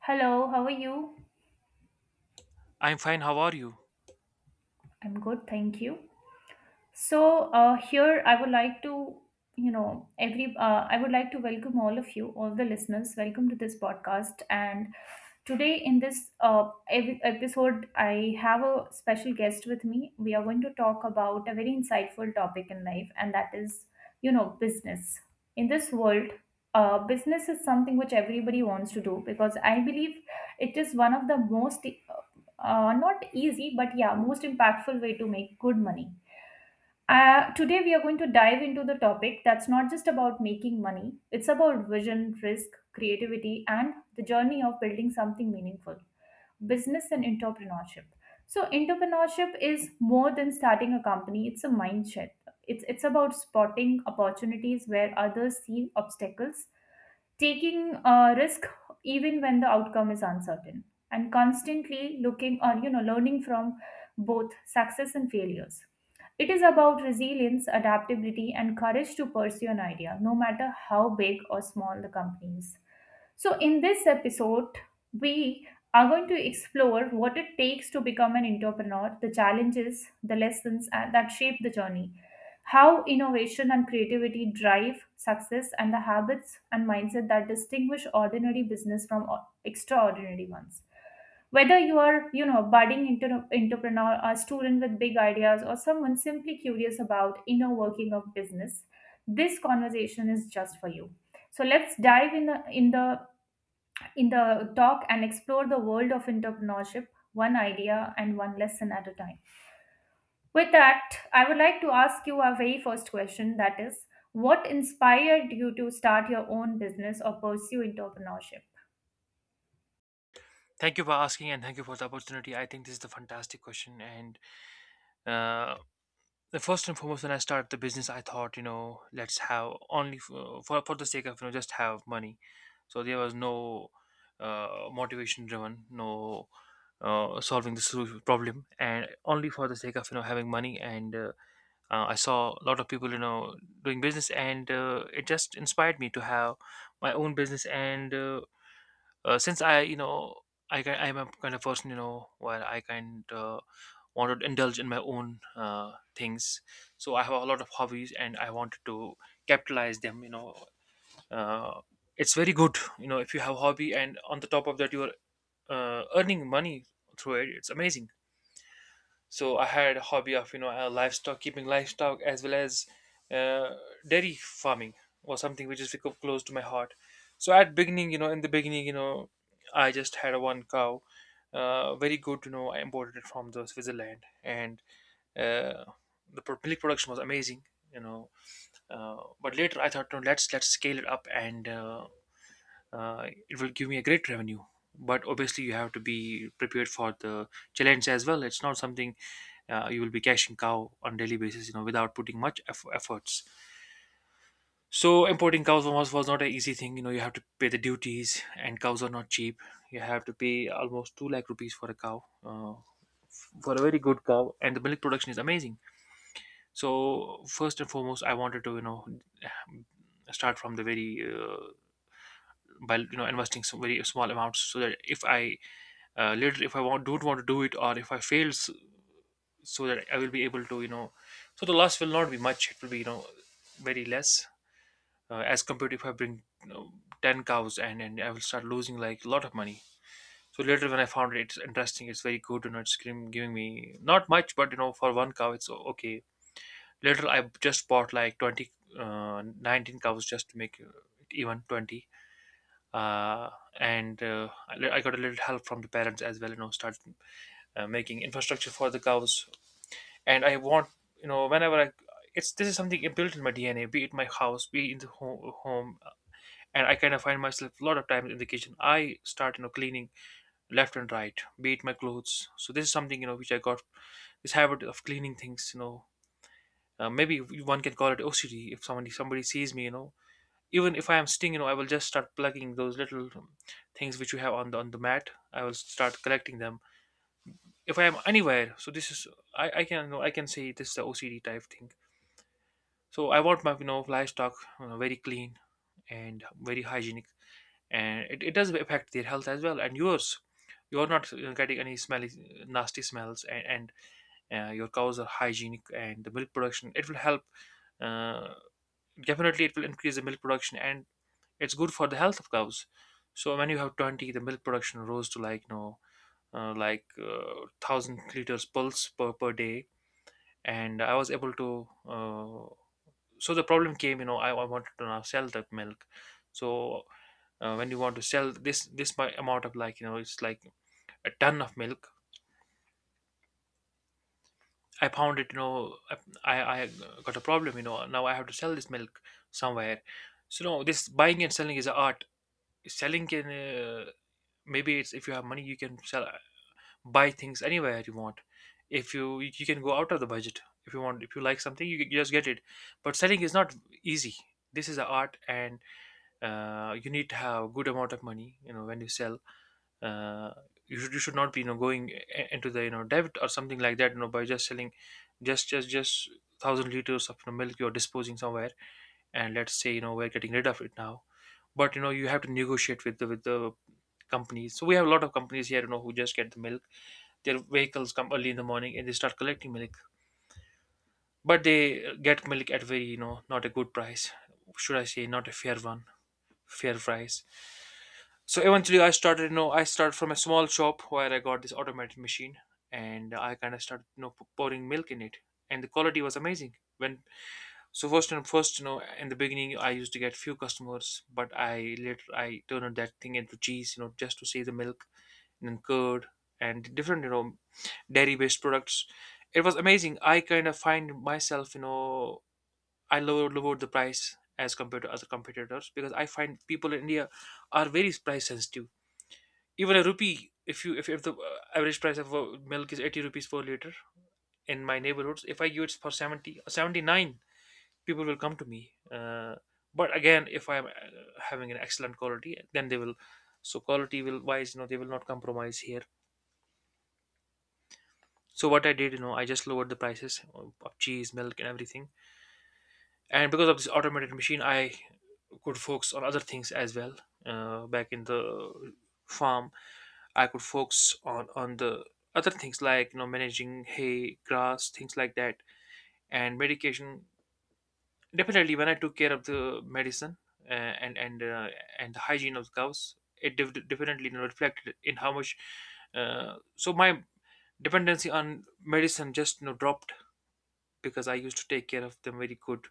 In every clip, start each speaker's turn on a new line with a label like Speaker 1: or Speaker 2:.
Speaker 1: Hello, how are you?
Speaker 2: I'm fine. How are you?
Speaker 1: I'm good, thank you. So here I would like to, you know, every I would like to welcome all of you, all the listeners. Welcome to this podcast. And today in this episode, I have a special guest with me. We are going to talk about a very insightful topic in life, and that is, you know, business. In this world, business is something which everybody wants to do because I believe it is one of the most, not easy, but yeah, most impactful way to make good money. Today, we are going to dive into the topic that's not just about making money, it's about vision, risk, creativity, and the journey of building something meaningful, business and entrepreneurship. So, entrepreneurship is more than starting a company, it's a mindset. It's about spotting opportunities where others see obstacles, taking a risk even when the outcome is uncertain, and constantly looking on, you know, learning from both success and failures. It is about resilience, adaptability, and courage to pursue an idea, no matter how big or small the company is. So, in this episode, we are going to explore what it takes to become an entrepreneur, the challenges, the lessons that shape the journey, how innovation and creativity drive success, and the habits and mindset that distinguish ordinary business from extraordinary ones, whether you are, you know, budding entrepreneur, a student with big ideas, or someone simply curious about inner working of business. This conversation is just for you. So let's dive in the talk and explore the world of entrepreneurship, one idea and one lesson at a time. With that, I would like to ask you our very first question, that is, what inspired you to start your own business or pursue entrepreneurship?
Speaker 2: Thank you for asking, and thank you for the opportunity. I think this is a fantastic question. And uh, the first and foremost, when I started the business, I thought, you know, let's have only for the sake of, you know, just have money. So there was no motivation driven, no solving the problem, and only for the sake of, you know, having money. And I saw a lot of people, you know, doing business, and it just inspired me to have my own business and since you know, I'm a kind of person, you know, where I kind want to indulge in my own things. So I have a lot of hobbies, and I wanted to capitalize them. You know, uh, it's very good. You know, if you have a hobby, and on the top of that, you are earning money through it. It's amazing. So I had a hobby of, you know, livestock, keeping livestock, as well as uh, dairy farming, or something which is close to my heart. So at beginning you know in the beginning, you know, I just had a one cow. Very good, you know, I imported it from the Switzerland, and uh, the milk production was amazing, you know. But later I thought, no, let's scale it up, and it will give me a great revenue. But obviously you have to be prepared for the challenge as well. It's not something you will be cashing cow on daily basis, you know, without putting much efforts. So importing cows was not an easy thing, you know. You have to pay the duties, and cows are not cheap. You have to pay almost 2 lakh rupees for a cow, for a very good cow, and the milk production is amazing. So first and foremost, I wanted to, you know, start from the very by, you know, investing some very small amounts, so that if I want don't want to do it, or if I fails, so that I will be able to, you know, so the loss will not be much. It will be, you know, very less as compared to if I bring, you know, 10 cows, and I will start losing like a lot of money. So later when I found it, it's interesting. It's very good. You know, it's giving me not much, but you know, for one cow, it's okay. Later, I just bought like 20, 19 cows, just to make it even 20. Uh, and I got a little help from the parents as well, you know, start making infrastructure for the cows. And I want, you know, whenever I, it's, this is something built in my DNA, be it my house, be it in the home, and I kind of find myself a lot of times in the kitchen. I start, you know, cleaning left and right, be it my clothes. So this is something, you know, which I got this habit of cleaning things. You know, maybe one can call it OCD if somebody sees me. You know, even if I am sitting, you know, I will just start plugging those little things which you have on the mat. I will start collecting them if I am anywhere. So this is, I can, you know, I can say this is the OCD type thing. So I want my, you know, livestock, you know, very clean and very hygienic, and it does affect their health as well, and yours. You're not, you know, getting any smelly, nasty smells, and your cows are hygienic, and the milk production it will help. Uh, Definitely, it will increase the milk production, and it's good for the health of cows. So when you have 20, the milk production rose to like, you know, thousand liters pulse per day, and I was able to. So the problem came, you know, I wanted to now sell that milk. So when you want to sell this amount of, like, you know, it's like a ton of milk, I found it, you know, I got a problem, you know. Now I have to sell this milk somewhere. So, no, this buying and selling is an art. Selling can, maybe it's, if you have money you can sell, buy things anywhere you want. If you, you can go out of the budget if you want. If you like something, you just get it. But selling is not easy. This is an art. And you need to have a good amount of money, you know, when you sell. uh, you should not be, you know, going into the, you know, debt or something like that, you know, by just selling just 1000 liters of, you know, milk you're disposing somewhere, and let's say, you know, we're getting rid of it now. But you know, you have to negotiate with the companies. So we have a lot of companies here, you know, who just get the milk. Their vehicles come early in the morning and they start collecting milk, but they get milk at very, you know, not a good price. Should I say, not a fair one. Fair price. So eventually, I started. You know, I started from a small shop where I got this automated machine, and I kind of started, you know, pouring milk in it, and the quality was amazing. When, so first and first, you know, in the beginning, I used to get few customers, but I later I turned that thing into cheese, you know, just to see the milk, and then curd, and different, you know, dairy-based products. It was amazing. I kind of find myself, you know, I lowered the price as compared to other competitors, because I find people in India are very price sensitive. Even a rupee, if you if the average price of milk is 80 rupees per liter, in my neighborhoods, if I give it for 70 or 79, people will come to me. uh, but again, if I'm having an excellent quality, then they will. So quality will wise, you know, they will not compromise here. So what I did, you know, I just lowered the prices of cheese, milk and everything. And because of this automated machine, I could focus on other things as well. Back in the farm, I could focus on the other things, like, you know, managing hay, grass, things like that, and medication. Definitely, when I took care of the medicine, uh, and and uh, and the hygiene of the cows, it definitely, you know, reflected in how much. So my dependency on medicine just, you know, dropped, because I used to take care of them very good.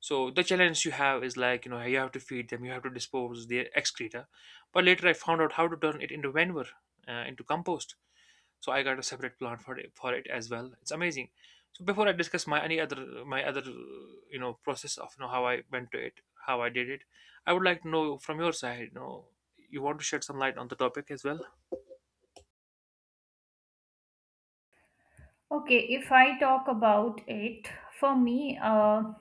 Speaker 2: So the challenge you have is, like, you know, you have to feed them, you have to dispose their excreta. But later I found out how to turn it into manure, into compost. So I got a separate plant for it as well. It's amazing. So before I discuss my any other, my other, you know, process of, you know, how I went to it, how I did it, I would like to know from your side. You know, you want to shed some light on the topic as well.
Speaker 1: Okay, if I talk about it, for me,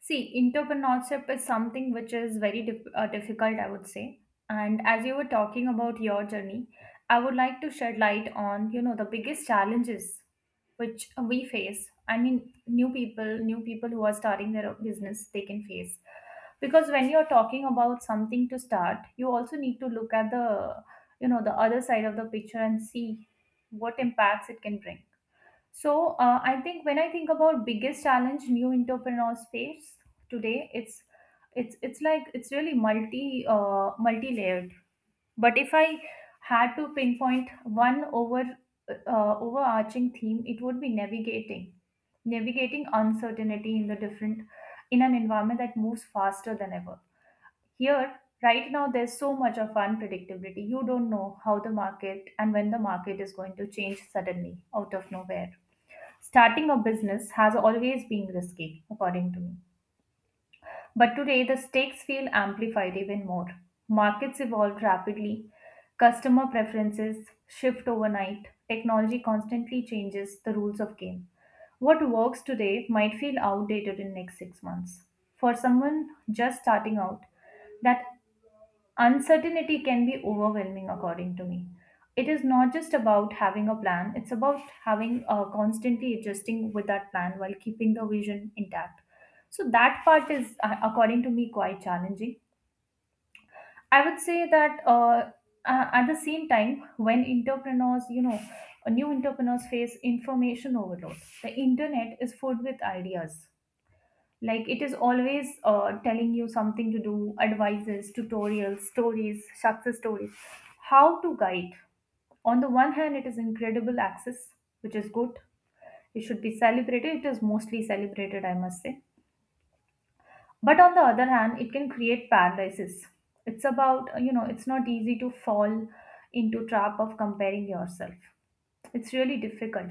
Speaker 1: see, entrepreneurship is something which is very difficult, I would say. And as you were talking about your journey, I would like to shed light on, you know, the biggest challenges which we face. I mean, new people who are starting their own business, they can face. Because when you're talking about something to start, you also need to look at the, you know, the other side of the picture and see what impacts it can bring. So I think when I think about biggest challenge new entrepreneurs face today, it's like it's really multi layered. But if I had to pinpoint one overarching theme, it would be navigating uncertainty in the different, in an environment that moves faster than ever. Here, right now, there's so much of unpredictability. You don't know how the market and when the market is going to change suddenly out of nowhere. Starting a business has always been risky, according to me. But today, the stakes feel amplified even more. Markets evolve rapidly, customer preferences shift overnight, technology constantly changes the rules of game. What works today might feel outdated in next 6 months. For someone just starting out, that uncertainty can be overwhelming, according to me. It is not just about having a plan, it's about having constantly adjusting with that plan while keeping the vision intact. So, that part is, according to me, quite challenging. I would say that at the same time, when entrepreneurs, you know, new entrepreneurs face information overload, the internet is full with ideas, like it is always telling you something to do, advices, tutorials, stories, success stories, how to guide. On the one hand, it is incredible access, which is good. It should be celebrated. It is mostly celebrated, I must say. But on the other hand, it can create paralysis. It's about, you know, it's not easy to fall into trap of comparing yourself. It's really difficult.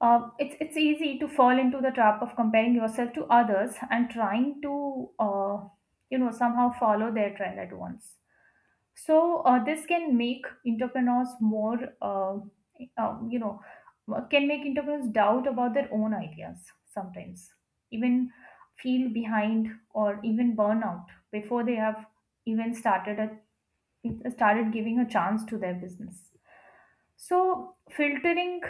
Speaker 1: It's easy to fall into the trap of comparing yourself to others and trying to you know somehow follow their trend at once. So this can make entrepreneurs more you know, can make entrepreneurs doubt about their own ideas sometimes, even feel behind or even burn out before they have even started a started giving a chance to their business. So filtering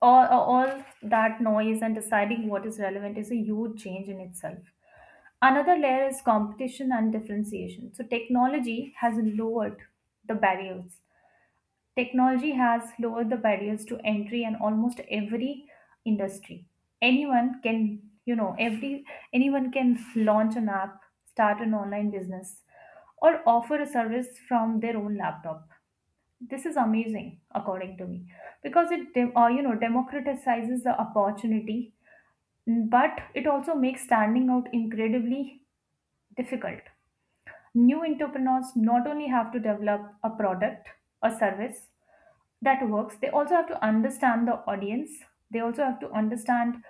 Speaker 1: all that noise and deciding what is relevant is a huge change in itself. Another layer is competition and differentiation. So, technology has lowered the barriers. Technology has lowered the barriers to entry in almost every industry. Anyone can, you know, every anyone can launch an app, start an online business, or offer a service from their own laptop. This is amazing, according to me, because it you know, democratizes the opportunity, but it also makes standing out incredibly difficult. New entrepreneurs not only have to develop a product, a service that works, they also have to understand the audience. They also have to understand,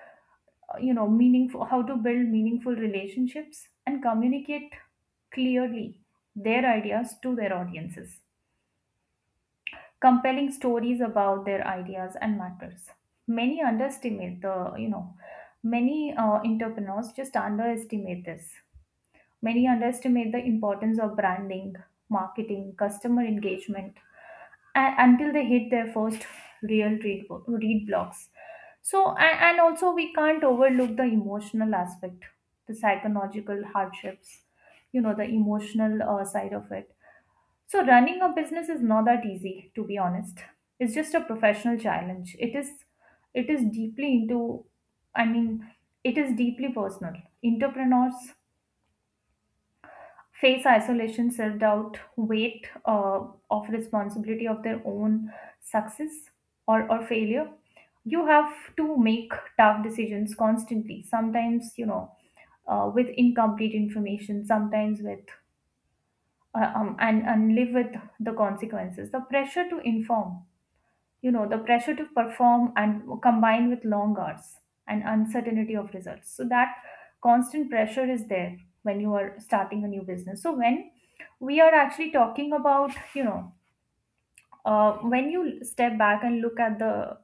Speaker 1: you know, meaningful how to build meaningful relationships and communicate clearly their ideas to their audiences, compelling stories about their ideas and matters. Many underestimate the, you know, many entrepreneurs just underestimate this. Many underestimate the importance of branding, marketing, customer engagement, and until they hit their first read blocks. So, and also we can't overlook the emotional aspect, the psychological hardships, you know, the emotional side of it. So, running a business is not that easy, to be honest. It's just a professional challenge. It is deeply into, I mean, it is deeply personal. Entrepreneurs face isolation, self doubt, weight of responsibility of their own success, or failure. You have to make tough decisions constantly. Sometimes, you know, with incomplete information, sometimes with and live with the consequences. The pressure to perform and combined with long hours and uncertainty of results, so that constant pressure is there when you are starting a new business. So when we are actually talking about, you know, when you step back and look at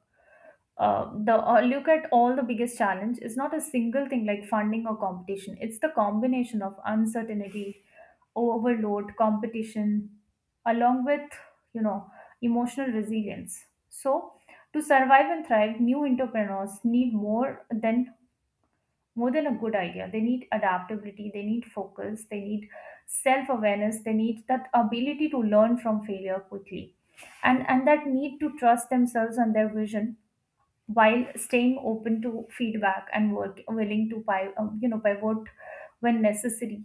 Speaker 1: the look at all the biggest challenge is not a single thing like funding or competition, it's the combination of uncertainty, overload, competition, along with, you know, emotional resilience. So, to survive and thrive, new entrepreneurs need more than a good idea. They need adaptability, they need focus, they need self-awareness, they need that ability to learn from failure quickly. And that need to trust themselves and their vision while staying open to feedback and work willing to buy, you know, pivot when necessary.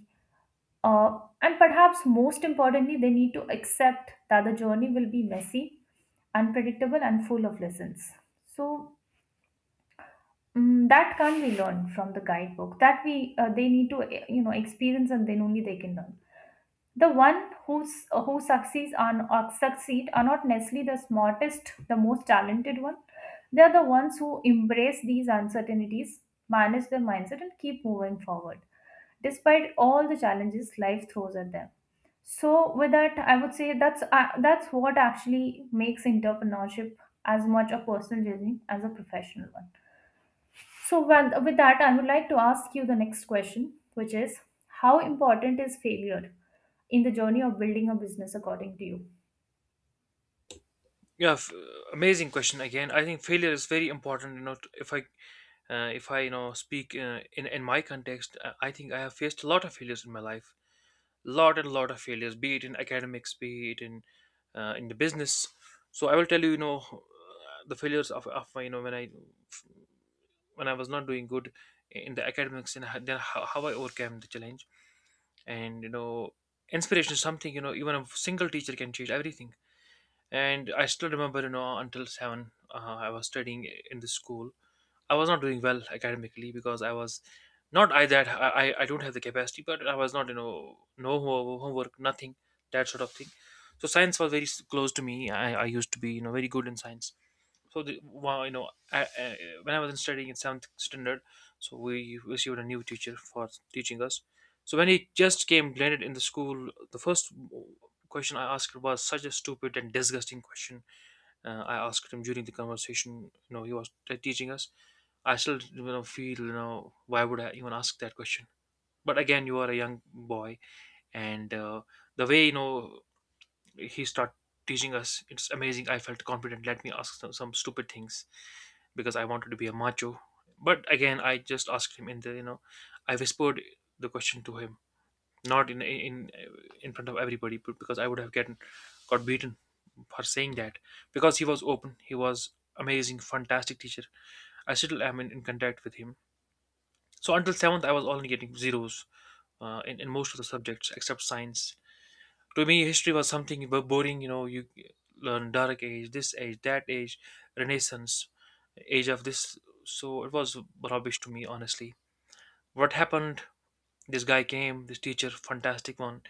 Speaker 1: And perhaps most importantly, they need to accept that the journey will be messy, unpredictable, and full of lessons. So that can't be learned from the guidebook. That we they need to you know, experience, and then only they can learn. The one who succeeds on or succeed are not necessarily the smartest, the most talented one. They are the ones who embrace these uncertainties, manage their mindset, and keep moving forward despite all the challenges life throws at them. So with that, I would say that's what actually makes entrepreneurship as much a personal journey as a professional one. So, well, with that, I would like to ask you the next question, which is, how important is failure in the journey of building a business according to you?
Speaker 2: Yeah, amazing question again. I think failure is very important. You know, if I if I, you know, speak, in my context, I think I have faced a lot of failures in my life, lot and lot of failures, be it in academics, be it in, in the business. So I will tell you, you know, the failures of my, you know, when I, when I was not doing good in the academics, and then how I overcame the challenge. And you know, inspiration is something, you know, even a single teacher can change everything. And I still remember, you know, until seven, I was studying in the school. I was not doing well academically, because I was not, I that I don't have the capacity, but I was not, you know, no homework, nothing, that sort of thing. So science was very close to me. I used to be, you know, very good in science. So the, well, you know, I, when I was in studying in seventh standard, so we received a new teacher for teaching us. So when he just came blended in the school, the first question I asked was such a stupid and disgusting question. I asked him during the conversation. You know, he was teaching us. I still you know feel you know why would I even ask that question? But again, you are a young boy, and the way you know he start teaching us, it's amazing. I felt confident, let me ask some stupid things because I wanted to be a macho. But again I just asked him in the you know I whispered the question to him, not in in front of everybody, but because I would have got beaten for saying that, because he was open. He was amazing, fantastic teacher. I still am in contact with him. So until seventh I was only getting zeros, in most of the subjects except science. To me history was something boring, you know, you learn dark age, this age, that age, renaissance, age of this. So it was rubbish to me, honestly. What happened, this guy came, this teacher, fantastic one.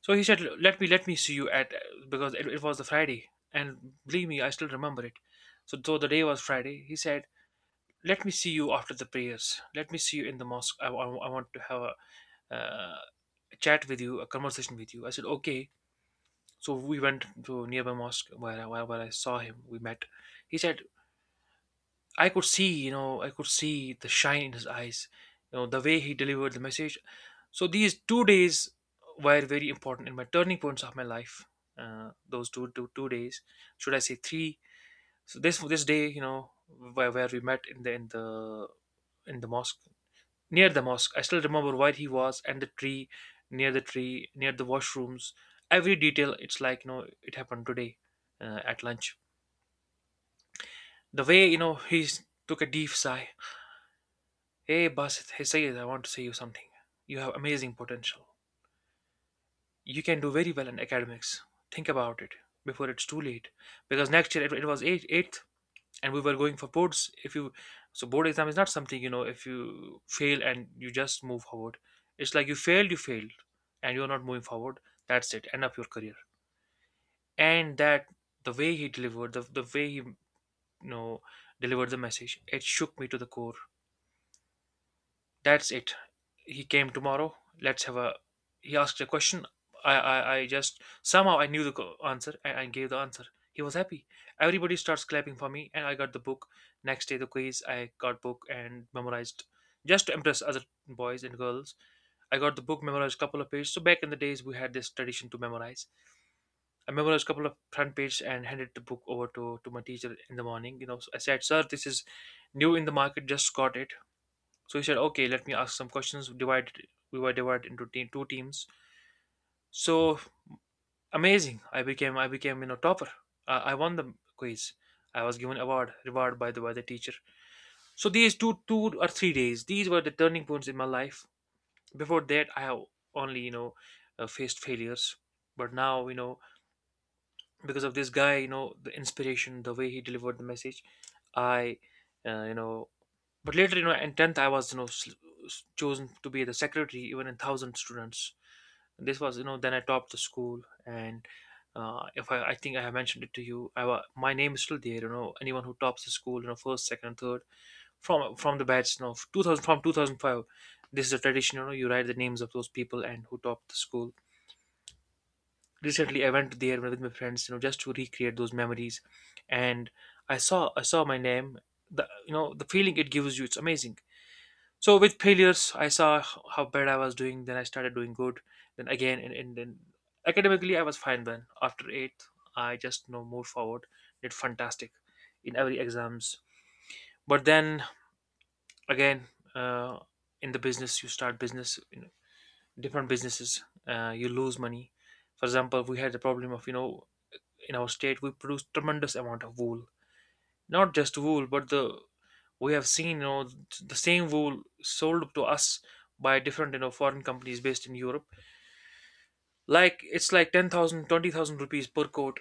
Speaker 2: So he said, let me see you at, because it was the Friday and believe me I still remember it. So though the day was Friday, he said let me see you after the prayers, let me see you in the mosque. I want to have uh, a chat with you, a conversation with you. I said okay. So we went to nearby mosque where where I saw him. We met. He said, I could see, you know, I could see the shine in his eyes, you know, the way he delivered the message. So these 2 days were very important in my turning points of my life. Those 2 days, should I say three? So this day, you know, where we met in the in the mosque, near the mosque. I still remember where he was and the tree, near the tree, near the washrooms. Every detail, it's like, you know, it happened today at lunch. The way, you know, he took a deep sigh. Hey, Basit, hey, Sayed, I want to say you something. You have amazing potential. You can do very well in academics. Think about it before it's too late. Because next year it was eighth and we were going for boards if you, so board exam is not something you know. If you fail and you just move forward, it's like you failed, you failed, and you're not moving forward. That's it, end of your career. And that, the way he delivered the way he, you know, delivered the message, it shook me to the core. That's it. He came tomorrow. Let's have a. He asked a question. I just somehow I knew the answer and I gave the answer. He was happy. Everybody starts clapping for me, and I got the book. Next day, the quiz. I got book and memorized just to impress other boys and girls. I got the book memorized couple of pages. So back in the days, we had this tradition to memorize. I memorized couple of front page and handed the book over to my teacher in the morning. You know, so I said, "Sir, this is new in the market. Just got it." So he said, okay, let me ask some questions. Divided, we were divided into two teams. So amazing! I became, you know, topper. I won the quiz. I was given award, reward by the teacher. So these two, 2 or 3 days, these were the turning points in my life. Before that, I have only, you know, faced failures. But now, you know, because of this guy, you know, the inspiration, the way he delivered the message, I, you know, But later, you know, in 10th, I was, you know, chosen to be the secretary even in 1,000 students. This was, you know, then I topped the school. And if I think I have mentioned it to you, I, my name is still there, you know, anyone who tops the school, you know, first, second, and third from the batch, you know, 2000, from 2005. This is a tradition, you know, you write the names of those people and who topped the school. Recently, I went there with my friends, you know, just to recreate those memories. And I saw my name. The, you know, the feeling it gives you, it's amazing. So with failures I saw how bad I was doing, then I started doing good, then again, and then academically I was fine. Then after eighth I just you know moved forward, did fantastic in every exams. But then again, uh, in the business you start business, you know, different businesses, you lose money. For example, we had the problem of you know, in our state we produce tremendous amount of wool, not just wool but the, we have seen you know, the same wool sold to us by different you know foreign companies based in Europe, like it's like 10,000, 20,000 rupees per coat,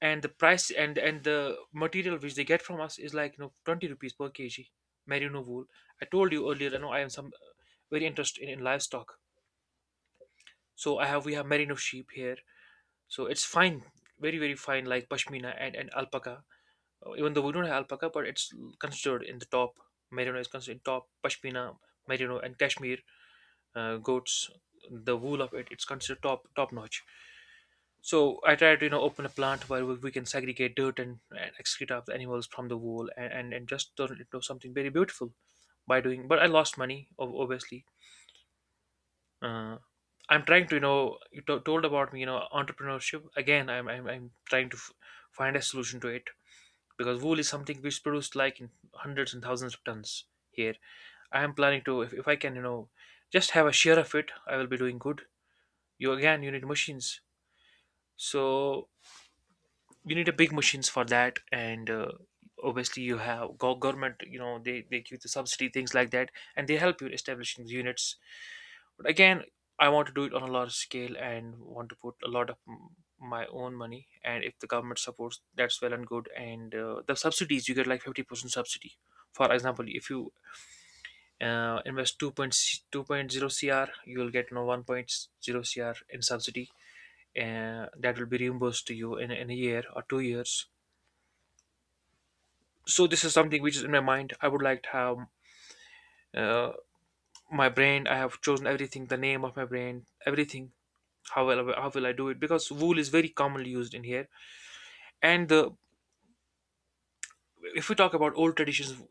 Speaker 2: and the price and the material which they get from us is like you know 20 rupees per kg, merino wool. I told you earlier I know I am some, very interested in livestock. So I have we have merino sheep here. So it's fine, very very fine, like pashmina and alpaca. Even though we don't have alpaca, but it's considered in the top. Merino is considered top. Pashmina, merino, and Kashmir goats. The wool of it, it's considered top top notch. So I try to you know open a plant where we can segregate dirt and excrete of the animals from the wool and just turn it into something very beautiful by doing. But I lost money, obviously. Uh, I'm trying to you know you told about me you know entrepreneurship again. I'm trying to find a solution to it, because wool is something which is produced like in hundreds and thousands of tons here. I am planning to, if I can you know just have a share of it, I will be doing good. You again you need machines. So you need a big machines for that, and obviously you have government, you know they give the subsidy, things like that, and they help you establishing the units. But again, I want to do it on a large scale and want to put a lot of my own money. And if the government supports, that's well and good. And the subsidies, you get like 50% subsidy. For example, if you invest two point zero CR, you will get no one point zero CR in subsidy, and that will be reimbursed to you in a year or 2 years. So this is something which is in my mind. I would like to have uh, my brand. I have chosen everything, the name of my brand, everything. How will I, how will I do it? Because wool is very commonly used in here, and the, if we talk about old traditions,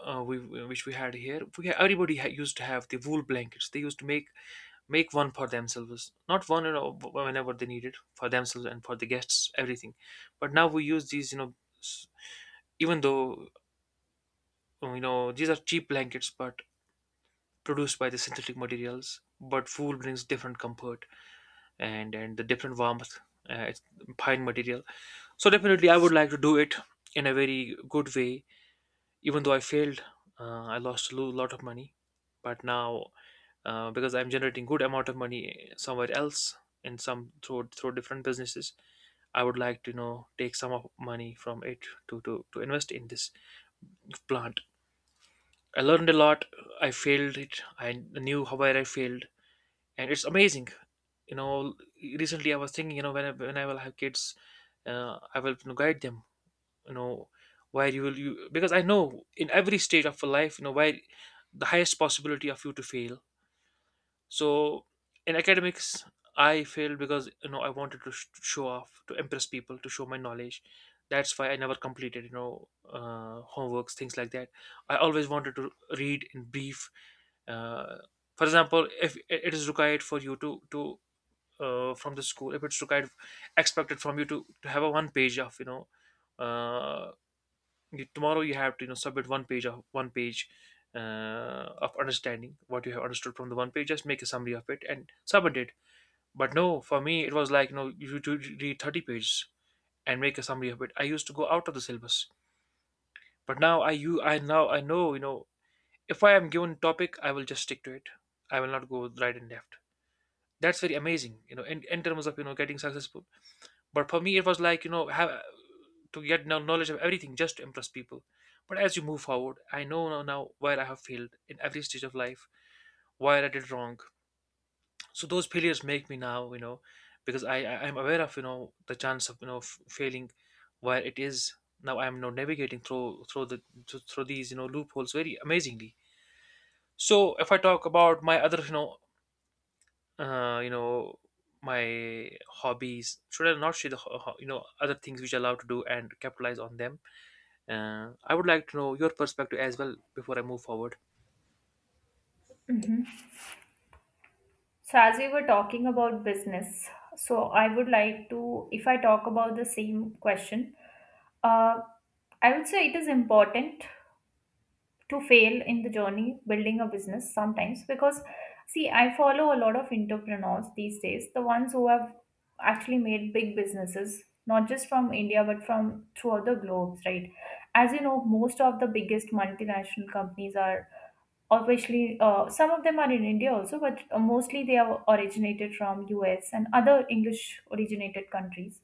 Speaker 2: we, which we had here, we, everybody used to have the wool blankets. They used to make one for themselves, not one you know, whenever they needed for themselves and for the guests, everything. But now we use these, you know, even though, you know these are cheap blankets, but produced by the synthetic materials. But wool brings different comfort and the different warmth. It's fine material. So definitely, I would like to do it in a very good way. Even though I failed, I lost a lot of money, but now, because I'm generating good amount of money somewhere else, in some through different businesses, I would like to you know take some of money from it to invest in this plant. I learned a lot. I failed it. I knew how where I failed, and it's amazing. You know, recently I was thinking, you know, when I will have kids, I will you know guide them, you know, where you will you, because I know in every stage of life you know where the highest possibility of you to fail. So in academics I failed because you know I wanted to show off, to impress people, to show my knowledge. That's why I never completed you know, homeworks, things like that. I always wanted to read in brief, uh, for example if it is required for you to, from the school, if it's required, expected from you to have a one page of you know, uh, you, tomorrow you have to you know submit one page of understanding what you have understood from the one page, just make a summary of it and submit it. But no, for me it was like you know you do read 30 pages and make a summary of it. I used to go out of the syllabus. But now I you I now I know you know, if I am given topic I will just stick to it. I will not go right and left. That's very amazing, you know, in terms of you know getting successful. But for me it was like you know have to get no knowledge of everything just to impress people. But as you move forward, I know now, now where I have failed in every stage of life, where I did wrong. So those failures make me now, you know, because I am aware of you know the chance of you know failing, where it is now. I am you now navigating through the through through these you know loopholes very amazingly. So if I talk about my other you know, you know, my hobbies, should I not share the you know other things which I love to do and capitalize on them? I would like to know your perspective as well before I move forward.
Speaker 1: So, as we were talking about business, so I would like to, if I talk about the same question, uh, I would say it is important to fail in the journey building a business sometimes, because see, I follow a lot of entrepreneurs these days, the ones who have actually made big businesses, not just from India but from throughout the globes, right? As you know, most of the biggest multinational companies are obviously, some of them are in India also, but mostly they are originated from US and other English originated countries.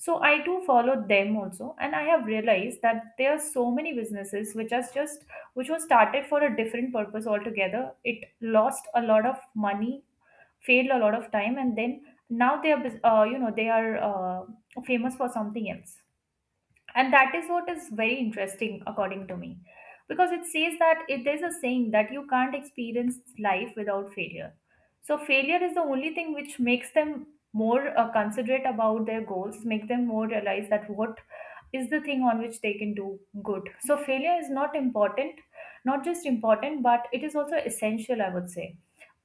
Speaker 1: So I too followed them also, and I have realized that there are so many businesses which are just which was started for a different purpose altogether. It lost a lot of money, failed a lot of time, and then now they are they are famous for something else, and that is what is very interesting according to me, because it says that there's a saying that you can't experience life without failure. So failure is the only thing which makes them more considerate about their goals, make them more realize that what is the thing on which they can do good. So failure is not important, not just important but it is also essential, I would say.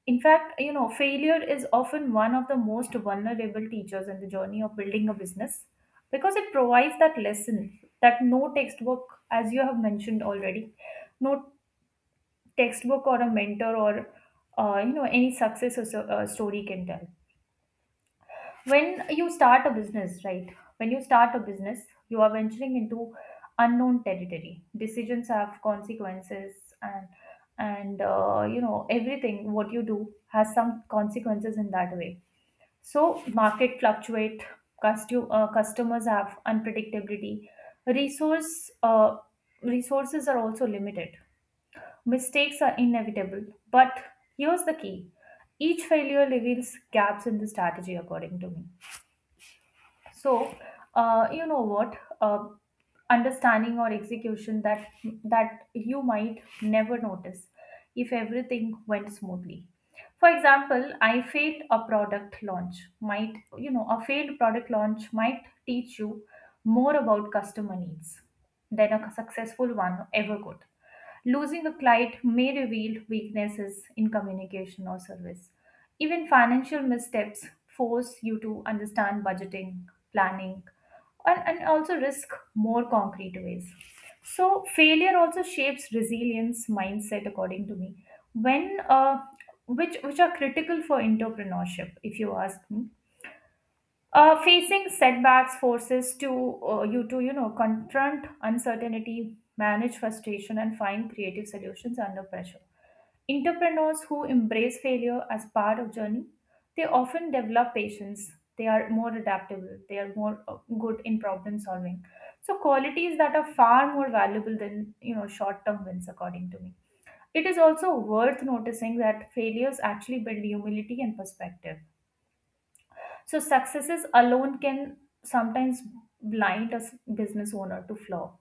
Speaker 1: In fact, failure is often one of the most vulnerable teachers in the journey of building a business, because it provides that lesson that no textbook, as you have mentioned already, no textbook or a mentor or any success or so, story can tell. When you start a business, right? When you start a business, you are venturing into unknown territory. Decisions have consequences, and and everything what you do has some consequences in that way. So market fluctuate, customers have unpredictability, resource uh, resources are also limited, mistakes are inevitable. But here's the key: each failure reveals gaps in the strategy, according to me. So, you know what? Understanding or execution that you might never notice if everything went smoothly. For example, I failed a product launch. Might you know A failed product launch might teach you more about customer needs than a successful one ever could. Losing a client may reveal weaknesses in communication or service. Even financial missteps force you to understand budgeting, planning, and also risk more concrete ways. So, failure also shapes resilience mindset, according to me, when which are critical for entrepreneurship, if you ask me. Facing setbacks forces to you to confront uncertainty, manage frustration, and find creative solutions under pressure. Entrepreneurs who embrace failure as part of journey, they often develop patience. They are more adaptable. They are more good in problem solving. So qualities that are far more valuable than short term wins, according to me. It is also worth noticing that failures actually build humility and perspective, so successes alone can sometimes blind business owner to flaw.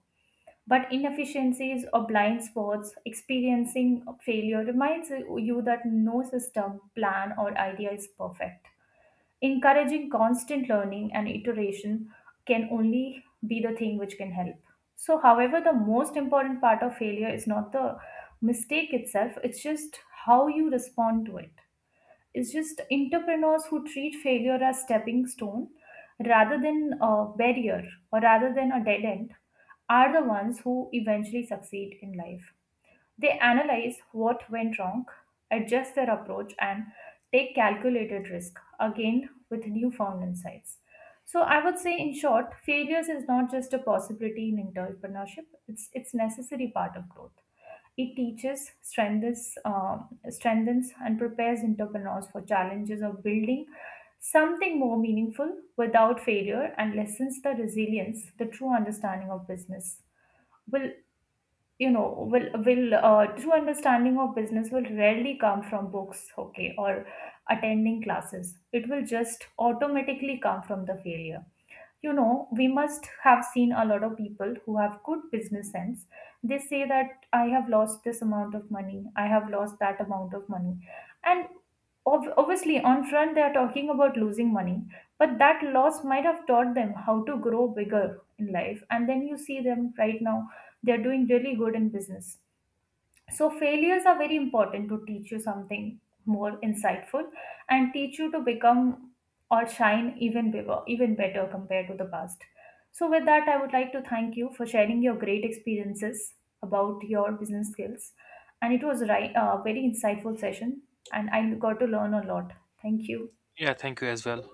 Speaker 1: But inefficiencies or blind spots, experiencing failure reminds you that no system, plan, or idea is perfect. Encouraging constant learning and iteration can only be the thing which can help. So, however, the most important part of failure is not the mistake itself, it's just how you respond to it. It's just entrepreneurs who treat failure as stepping stone rather than a barrier or rather than a dead end are the ones who eventually succeed in life. They analyze what went wrong, adjust their approach, and take calculated risk again with newfound insights. So I would say, in short, failures is not just a possibility in entrepreneurship; it's necessary part of growth. It teaches, strengthens, strengthens, and prepares entrepreneurs for challenges of building something more meaningful. Without failure, and lessens the resilience, the true understanding of business will true understanding of business will rarely come from books, okay, or attending classes. It will just automatically come from the failure. You know, we must have seen a lot of people who have good business sense. They say that I have lost this amount of money, I have lost that amount of money, and obviously on front they are talking about losing money, but that loss might have taught them how to grow bigger in life. And then you see them right now, they are doing really good in business. So failures are very important to teach you something more insightful, and teach you to become or shine even bigger, even better compared to the past. So with that, I would like to thank you for sharing your great experiences about your business skills, and it was right, a very insightful session, and I got to learn a lot. Thank you.
Speaker 2: Yeah, thank you as well.